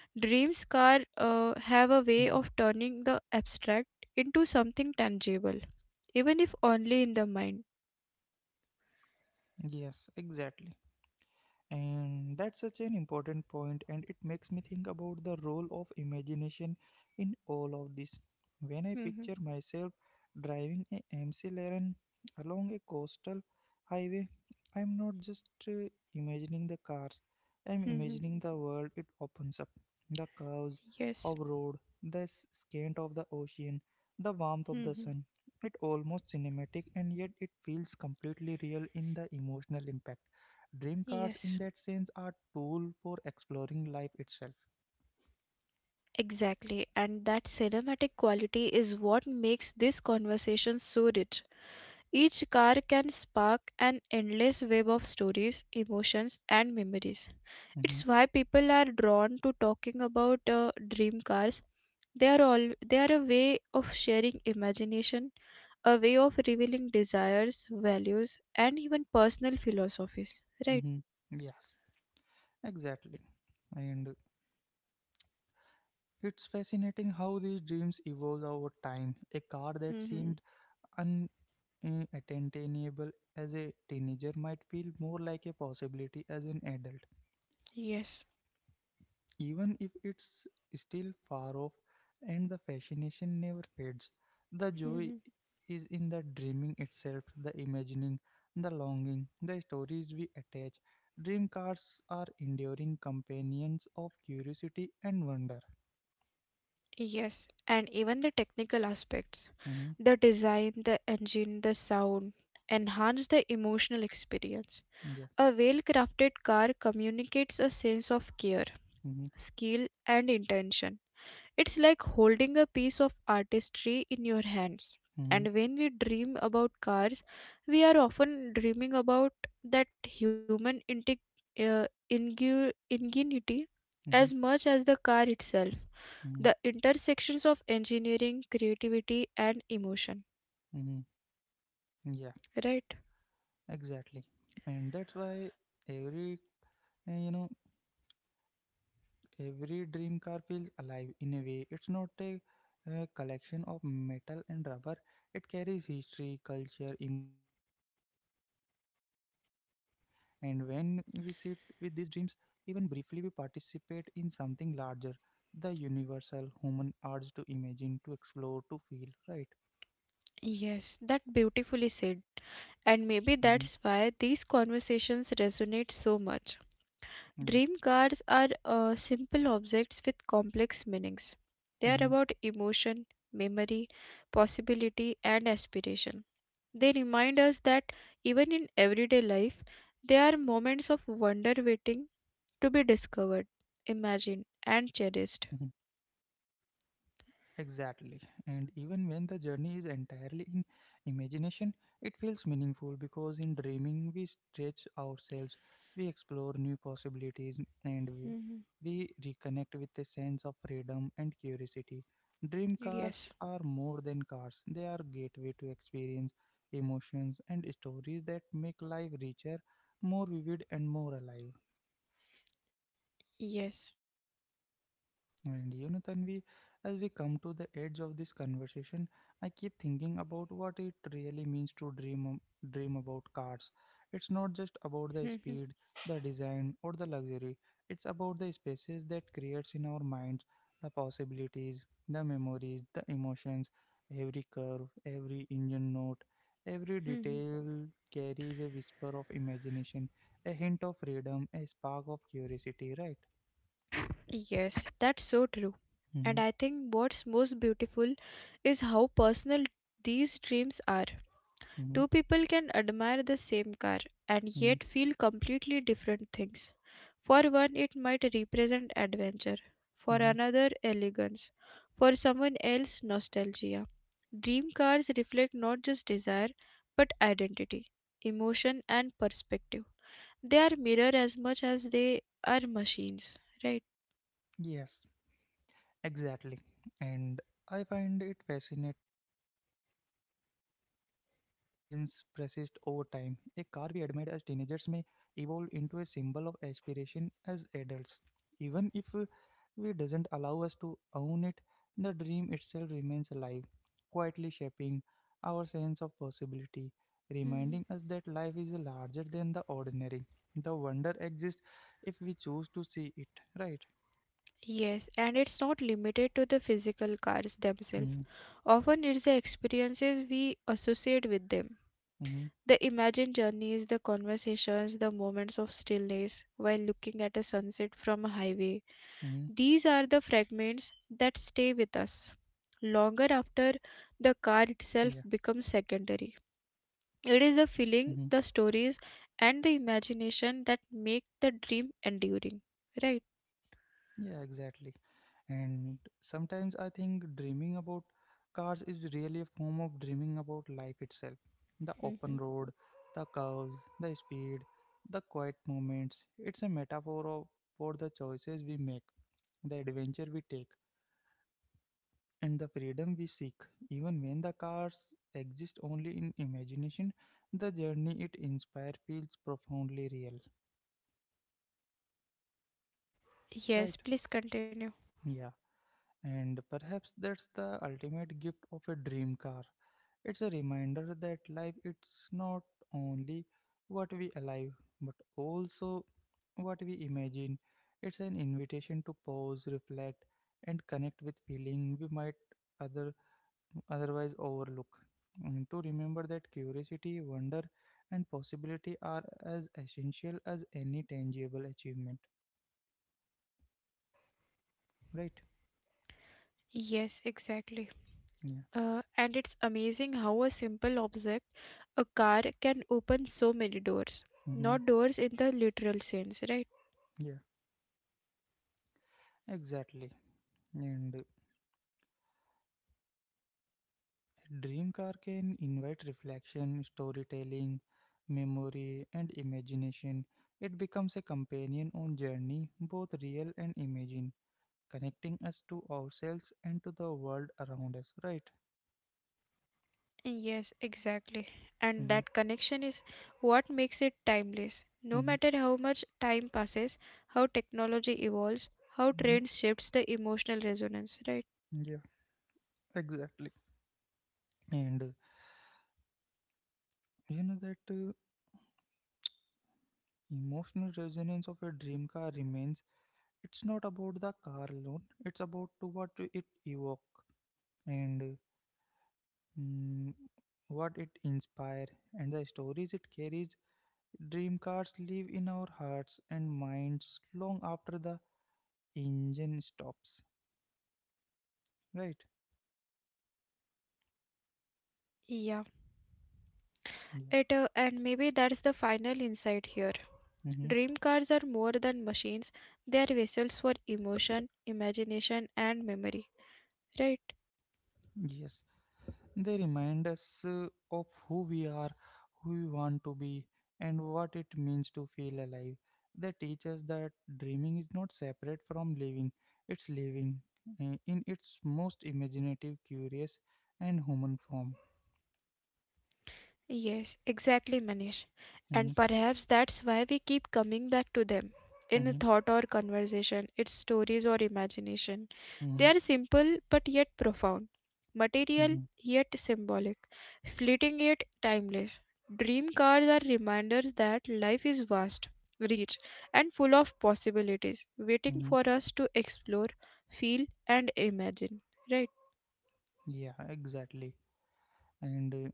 Dreams car uh, have a way
Mm-hmm.
of turning the abstract into something tangible, even if only in the mind.
Yes, exactly. And that's such an important point, and it makes me think about the role of imagination in all of this. When I
Mhm,
picture myself driving a McLaren along a coastal highway, I'm not just uh, imagining the cars, I'm
mhm,
imagining the world it opens up, the curves
Yes.
of road, the s- scant of the ocean, the warmth of the
Mhm.
sun. It almost cinematic, and yet it feels completely real in the emotional impact. Dream cars, in
Yes.
that sense, are tool for exploring life itself.
Exactly, and that cinematic quality is what makes this conversation so rich. Each car can spark an endless web of stories, emotions, and memories.
Mm-hmm.
It's why people are drawn to talking about uh, dream cars. They are all they are a way of sharing imagination, a way of revealing desires, values, and even personal philosophies. Right?
Mm-hmm. Yes, exactly, and it's fascinating how these dreams evolve over time. A car that
hmm
seemed unattainable as a teenager might feel more like a possibility as an adult,
Yes.
even if it's still far off, and the fascination never fades. The joy
hmm
is in the dreaming itself, the imagining, the longing, the stories we attach. Dream cars are enduring companions of curiosity and wonder.
Yes, and even the technical aspects,
Hmm.
the design, the engine, the sound, enhance the emotional experience.
Yeah.
A well crafted car communicates a sense of care,
Hmm.
skill, and intention. It's like holding a piece of artistry in your hands.
Hmm.
And when we dream about cars, we are often dreaming about that human integ- uh, ingu- ingenuity
Hmm.
as much as the car itself
Hmm.
the intersections of engineering, creativity, and emotion,
Hmm. Yeah,
right?
exactly. And that's why every, uh, you know, every dream car feels alive in a way. It's not a, uh, collection of metal and rubber, it carries history, culture, emotion, and imagination. And when we sit with these dreams, even briefly, we participate in something larger: the universal human urge to imagine, to explore, to feel, right?
Yes, that beautifully said. And maybe
Mm-hmm.
that's why these conversations resonate so much.
Yeah.
Dream cars are uh, simple objects with complex meanings. They are
Mm-hmm.
about emotion, memory, possibility, and aspiration. They remind us that even in everyday life, there are moments of wonder waiting to be discovered, imagined, and
Mm-hmm.
cherished.
Exactly. And even when the journey is entirely in imagination, it feels meaningful because in dreaming we stretch ourselves, we explore new possibilities, and we, we reconnect with a sense of freedom and curiosity. Dream cars
Yes,
are more than cars, they are gateway to experience, emotions, and stories that make life richer, more vivid, and more alive.
yes.
And you know, Tanvi, as we come to the edge of this conversation, I keep thinking about what it really means to dream ab- dream about cars. It's not just
Mhm,
about the speed, the design, or the luxury. It's about the spaces that creates in our minds, the possibilities, the memories, the emotions. Every curve, every engine note, every
mhm.
detail carries a whisper of imagination, a hint of freedom, a spark of curiosity. Right?
Yes, that's so true. And
Mm-hmm,
I think what's most beautiful is how personal these dreams are.
mm-hmm,
Two people can admire the same car and yet feel completely different things. For one, it might represent adventure, for
mm-hmm.
another, elegance, for someone else, nostalgia. Dream cars reflect not just desire but identity, emotion, and perspective. They are mirror as much as they are machines, right?
Yes, exactly. And I find it fascinating how these dreams persist over time. A car we admired as teenagers may evolve into a symbol of aspiration as adults. Even if uh, we doesn't allow us to own it, the dream itself remains alive, quietly shaping our sense of possibility,
Mhm.
reminding us that life is larger than the ordinary. The wonder exists if we choose to see it, right?
Yes, and it's not limited to the physical cars themselves,
Mm-hmm.
often it's the experiences we associate with them, the imagined journeys, the conversations, the moments of stillness while looking at a sunset from a highway.
Hmm.
These are the fragments that stay with us longer after
Yeah.
the car itself becomes secondary. It is the
Hmm.
feeling, the stories, and the imagination that make the dream enduring, right?
Yeah, exactly. And sometimes I think dreaming about cars is really a form of dreaming about life itself. The open
Mhm.
road, the curves, the speed, the quiet moments. It's a metaphor of, for the choices we make, the adventure we take, and the freedom we seek. Even when the cars exist only in imagination, the journey it inspires feels profoundly real.
Yes,
Right?
please continue.
And perhaps that's the ultimate gift of a dream car. It's a reminder that life it's not only what we alive, but also what we imagine. It's an invitation to pause, reflect, and connect with feeling we might other otherwise overlook. And to remember that curiosity, wonder, and possibility are as essential as any tangible achievement. Right?
Yes, exactly.
Yeah.
Uh, and it's amazing how a simple object, a car, can open so many doors.
Mm-hmm.
Not doors in the literal sense, right?
Yeah. Exactly. And uh, Dream car can invite reflection, storytelling, memory, and imagination. It becomes a companion on journey, both real and imagined, connecting us to ourselves and to the world around us. Right?
Yes, exactly. And
Hmm.
that connection is what makes it timeless. No
Hmm.
matter how much time passes, how technology evolves, how
Hmm.
trends shifts the emotional resonance, right?
Yeah, exactly. And uh, you know that uh, emotional resonance of a dream car remains. It's not about the car alone. It's about to what it evoke. And uh, mm, what it inspires, and the stories it carries. Dream cars live in our hearts and minds long after the engine stops. Right?
Yeah.
Yes.
It, uh, and maybe that's the final insight here.
Mm-hmm.
Dream cars are more than machines, they are vessels for emotion, imagination, and memory, right?
Yes. They remind us uh, of who we are, who we want to be, and what it means to feel alive. They teach us that dreaming is not separate from living, it's living uh, in its most imaginative, curious, and human form.
Yes, exactly, Manish.
Mm-hmm.
And perhaps that's why we keep coming back to them in
Mm-hmm.
thought or conversation, its stories or imagination. They
Mm-hmm.
are simple but yet profound, material
Mhm,
yet symbolic, fleeting yet timeless. Dream cards are reminders that life is vast, rich, and full of possibilities, waiting
mhm.
for us to explore, feel, and imagine. Right?
Yeah, exactly. And uh,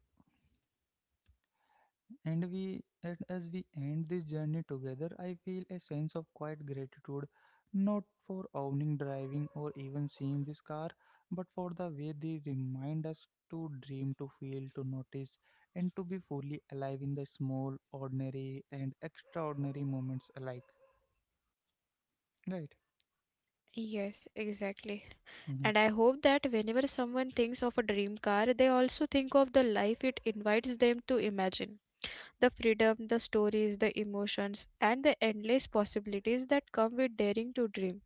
and we and as we end this journey together, I feel a sense of quiet gratitude, not for owning driving or even seeing this car, but for the way they remind us to dream, to feel, to notice, and to be fully alive in the small, ordinary, and extraordinary moments alike. Right?
Yes, exactly. And I hope that whenever someone thinks of a dream car, they also think of the life it invites them to imagine. The freedom, the stories, the emotions, and the endless possibilities that come with daring to dream.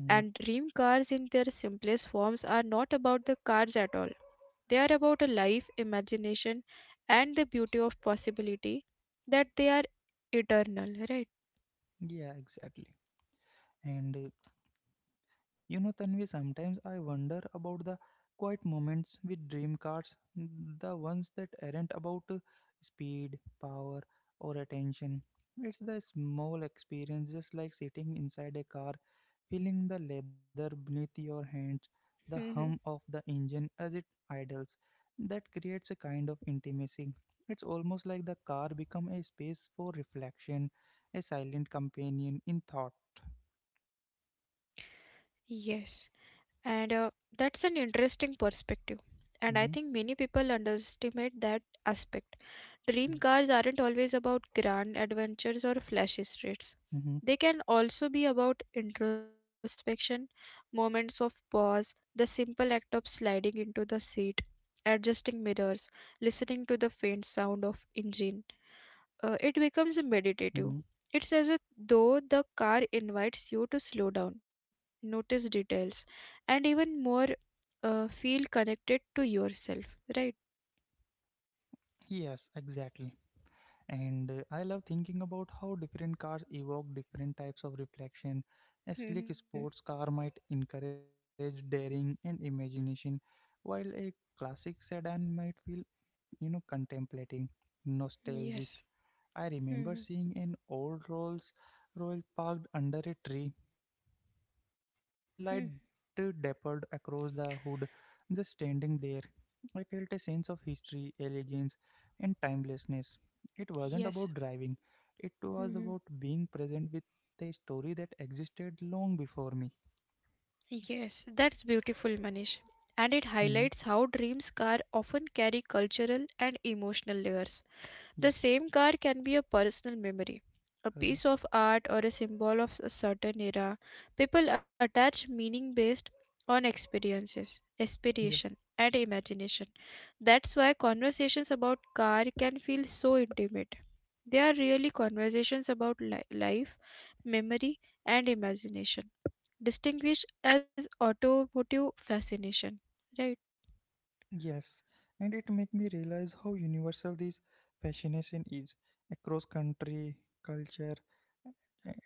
Mm-hmm.
dream cars, in their simplest forms, are not about the cars at all. They are about a life, imagination, and the beauty of possibility that they are eternal, right?
Yeah, exactly. And uh, You know, Tanvi, sometimes I wonder about the quiet moments with dream cars, the ones that aren't about uh, speed, power, or attention. It's the small experience, just like sitting inside a car, feeling the leather beneath your hands, the hum
Mhm.
of the engine as it idles. That creates a kind of intimacy. It's almost like the car become a space for reflection, a silent companion in thought.
Yes. And uh, That's an interesting perspective. And I think
Mm-hmm.
many people underestimate that aspect. Dream
Yeah.
cars aren't always about grand adventures or flashy streets.
Mm-hmm.
They can also be about introspection, moments of pause, the simple act of sliding into the seat, adjusting mirrors, listening to the faint sound of engine uh, it
Mm-hmm.
becomes meditative. It's as though the car invites you to slow down, notice details, and even more uh, feel connected to yourself, right?
Yes, exactly. And uh, I love thinking about how different cars evoke different types of reflection. A slick
Hmm.
sports car might encourage daring and imagination, while a classic sedan might feel, you know, contemplative, nostalgic.
Yes.
I
Mm-hmm.
remember seeing an old Rolls Royce parked under a tree, sunlight uh, dappled across the hood, just standing there I felt a sense of history, elegance, and timelessness. It wasn't about driving,
Yes.
it was about
Hmm.
being present with a story that existed long before me.
Yes, that's beautiful, Manish. And it
Hmm.
highlights how dreams car often carry cultural and emotional layers.
Yeah.
The same car can be a personal memory, a
Uh-huh.
piece of art, or a symbol of a certain era. People attach meaning based on experiences,
Yeah.
aspiration, and imagination. That's why conversations about car can feel so intimate. They are really conversations about li- life, memory, and imagination, distinguished as automotive fascination, right?
Yes. And it made me realize how universal this fascination is across country, culture,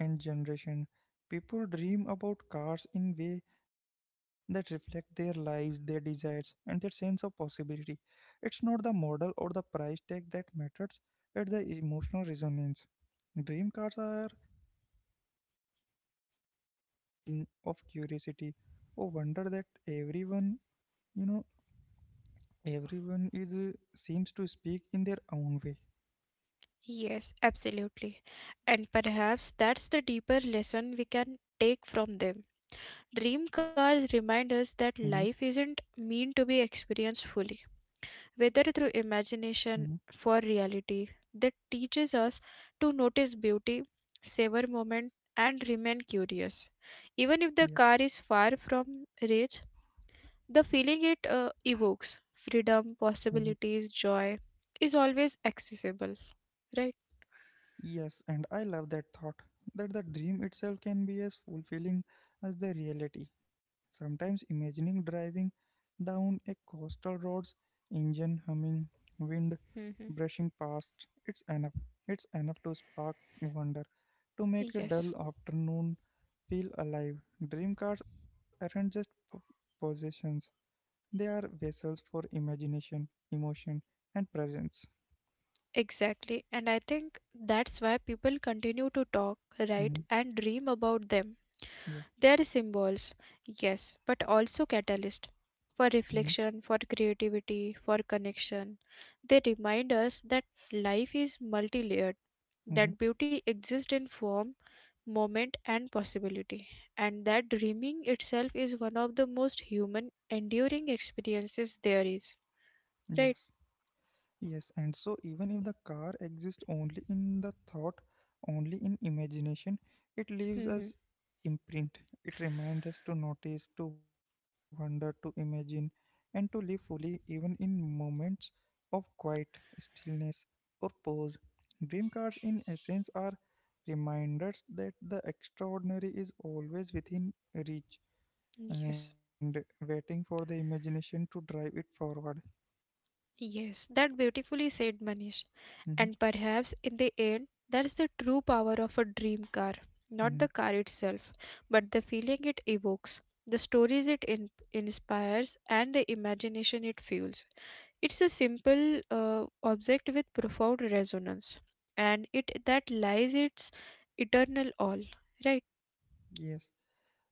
and generation. People dream about cars in way that reflect their lives, their desires, and their sense of possibility. It's not the model or the price tag that matters, it's the emotional resonance. Dream cars are a language of longing, of curiosity, of wonder that everyone, you know, everyone is uh, seems to speak in their own way.
Yes, absolutely. And perhaps that's the deeper lesson we can take from them. Dream cars remind
Mm-hmm,
us that life isn't meant to be experienced fully, whether through
mm-hmm,
imagination for reality. That teaches us to notice beauty, savor moment, and remain curious. Even if the
yeah.
car is far from reach, the feeling it uh, evokes, freedom,
Mhm.
possibilities, joy, is always accessible, right?
Yes, and I love that thought that the dream itself can be as fulfilling as the reality. Sometimes imagining driving down a coastal road's engine humming, wind
Hmm.
brushing past, it's enough. It's enough to spark wonder, to make a dull
Yes.
afternoon feel alive. Dream cars aren't just p- possessions, they are vessels for imagination, emotion, and presence.
Exactly, and I think that's why people continue to talk, write,
Mhm.
and dream about them.
Yeah.
They are symbols, yes, but also catalyst
Mm-hmm.
for reflection, for creativity, for connection. They remind us that life is multi-layered,
Mm-hmm.
that beauty exists in form, moment, and possibility, and that dreaming itself is one of the most human, enduring experiences there is.
Yes.
Right?
Yes, and so even if the car exists only in the thought, only in imagination, it leaves us
<laughs>
imprint. It reminds us to notice, to wonder, to imagine, and to live fully even in moments of quiet, stillness, or pause. Dream cars, in essence, are reminders that the extraordinary is always within reach
Yes.
and waiting for the imagination to drive it forward.
Yes, that beautifully said, Manish.
Mhm,
And perhaps in the end, that's the true power of a dream car. Not the
mhm.
car itself, but the feeling it evokes, the stories it in- inspires, and the imagination it fuels. It's a simple uh, object with profound resonance, and it that lies its eternal all. Right?
Yes.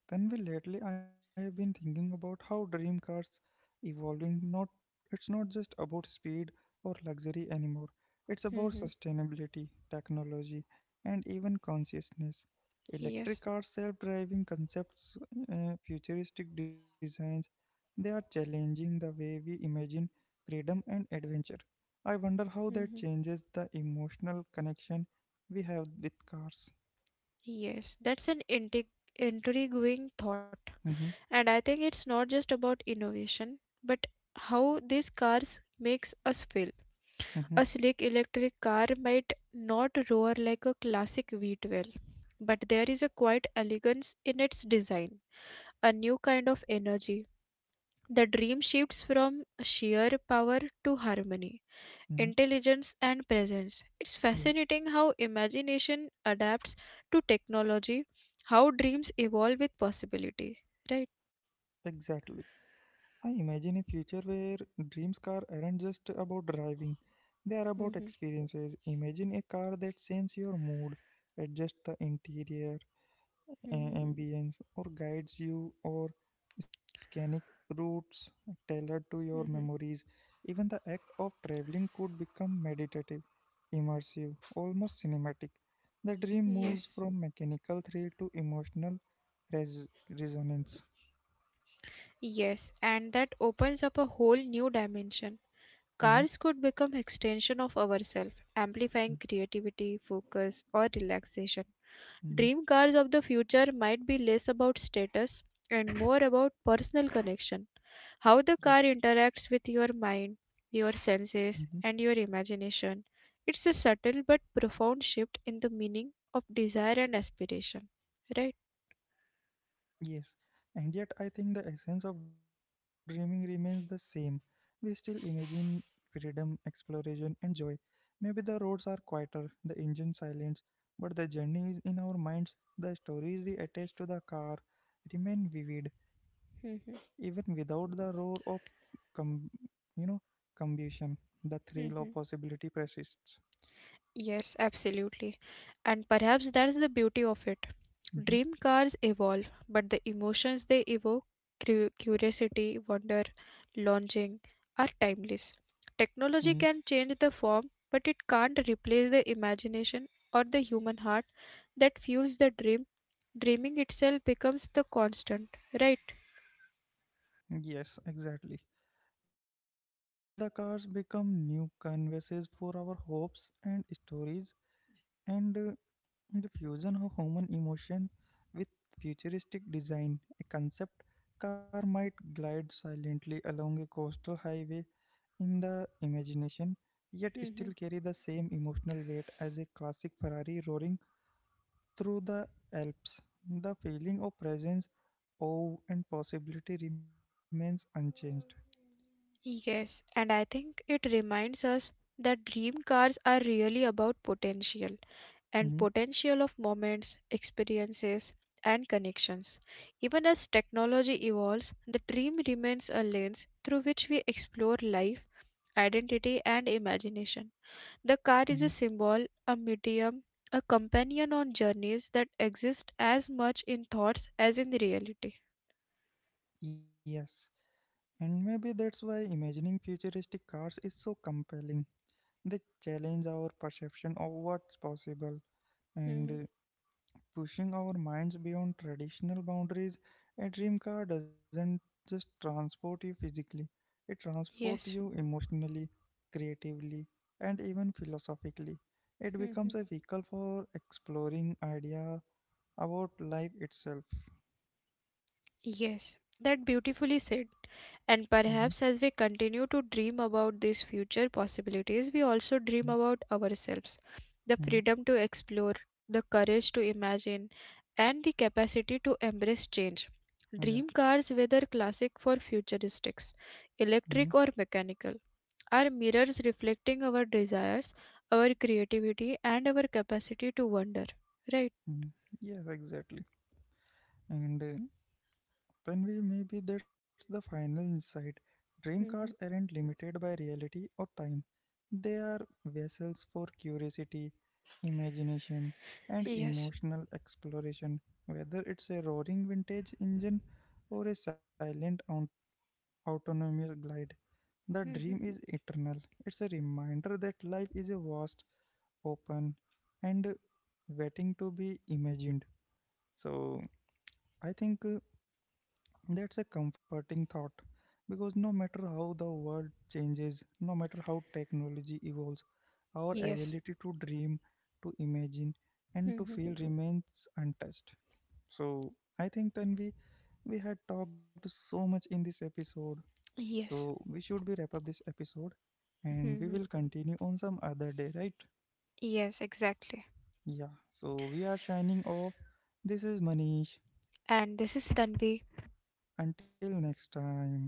Tanvi, lately I have been thinking about how dream cars evolving. Not It's not just about speed or luxury anymore. It's about
Mm-hmm.
sustainability, technology, and even consciousness. Electric
Yes.
cars, self-driving concepts, uh, futuristic designs. They are challenging the way we imagine freedom and adventure. I wonder how
Mm-hmm.
that changes the emotional connection we have with cars.
Yes, that's an intrig- intriguing thought.
Hmm.
And I think it's not just about innovation, but how these cars makes us feel.
Hmm.
A slick electric car might not roar like a classic V twelve, but there is a quiet elegance in its design, a new kind of energy. The dream shifts from sheer power to harmony,
Hmm.
intelligence, and presence. It's
Yeah,
fascinating how imagination adapts to technology, how dreams evolve with possibility, right?
exactly. I imagine a future where dreams car aren't just about driving. They are about
Hmm.
experiences. Imagine a car that senses your mood, adjusts the interior, a-
Hmm.
ambience, or guides you or scenic routes tailored to your
Hmm.
memories. Even the act of traveling could become meditative, immersive, almost cinematic. The dream moves
Yes.
from mechanical thrill to emotional res- resonance.
Yes, and that opens up a whole new dimension.
Hmm.
Cars could become extension of ourselves, amplifying creativity, focus, or relaxation. Dream
Hmm.
cars of the future might be less about status and more about personal connection.
Yeah.
How the car interacts with your mind, your
Mm-hmm.
senses, and your imagination. It's a subtle but profound shift in the meaning of desire and aspiration, right?
Yes, and yet I think the essence of dreaming remains the same. We still imagine freedom, exploration, and joy. Maybe the roads are quieter, the engine silent, but the journey is in our minds. The stories we attach to the car remain vivid, even without the roar of, com- you know, combustion. The
<laughs>
thrill of possibility persists.
Yes, absolutely. And perhaps that's the beauty of it. Dream cars
Hmm.
evolve, but the emotions they evoke, cu- curiosity, wonder, longing, are timeless. Technology can change
Hmm.
the form, but it can't replace the imagination or the human heart that fuels the dream. Dreaming itself becomes the constant, right?
Yes, exactly. While the cars become new canvases for our hopes and stories, and uh, the fusion of human emotion with futuristic design, a concept car might glide silently along a coastal highway in the imagination, yet
Hmm.
still carry the same emotional weight as a classic Ferrari roaring through the Alps. The feeling of presence, awe, and possibility remains unchanged.
Yes, and I think it reminds us that dream cars are really about potential. And
Mhm,
potential of moments, experiences, and connections. Even as technology evolves, the dream remains a lens through which we explore life, identity, and imagination. The car is a
mhm.
symbol, a medium, a companion on journeys that exist as much in thoughts as in reality.
Yes. And maybe that's why imagining futuristic cars is so compelling. They challenge our perception of what's possible and
Mhm.
uh, pushing our minds beyond traditional boundaries. A dream car doesn't just transport you physically, it transports
Yes.
you emotionally, creatively, and even philosophically. It becomes
Mhm.
a vehicle for exploring idea about life itself.
Yes, that beautifully said.
Hmm.
And perhaps as we continue to dream about these future possibilities, we also dream about ourselves, the
Hmm.
freedom to explore, the courage to imagine, and the capacity to embrace change.
Yeah.
Dream cars, whether classic or futuristics,
Hmm.
electric or mechanical, are mirrors reflecting our desires, our creativity, and our capacity to wonder. Right?
Yes, exactly. And uh, when we maybe that's the final insight. Dream cars
Mhm.
aren't limited by reality or time. They are vessels for curiosity, imagination, and
Yes.
emotional exploration. Whether it's a roaring vintage engine or a silent aut- autonomous glide, the dream
Mhm.
is eternal. It's a reminder that life is a vast, open, and waiting to be imagined. So I think. Uh, That's a comforting thought because no matter how the world changes, no matter how technology evolves, our
Yes.
ability to dream, to imagine, and to
Mhm.
feel remains untouched. So I think then we we had talked so much in this episode. So
Yes.
we should be wrap up this episode and we
Mhm.
will continue on some other day, right?
Yes, exactly.
Yeah. So we are shining off. This is Manish.
And this is Tanvi.
Until next time.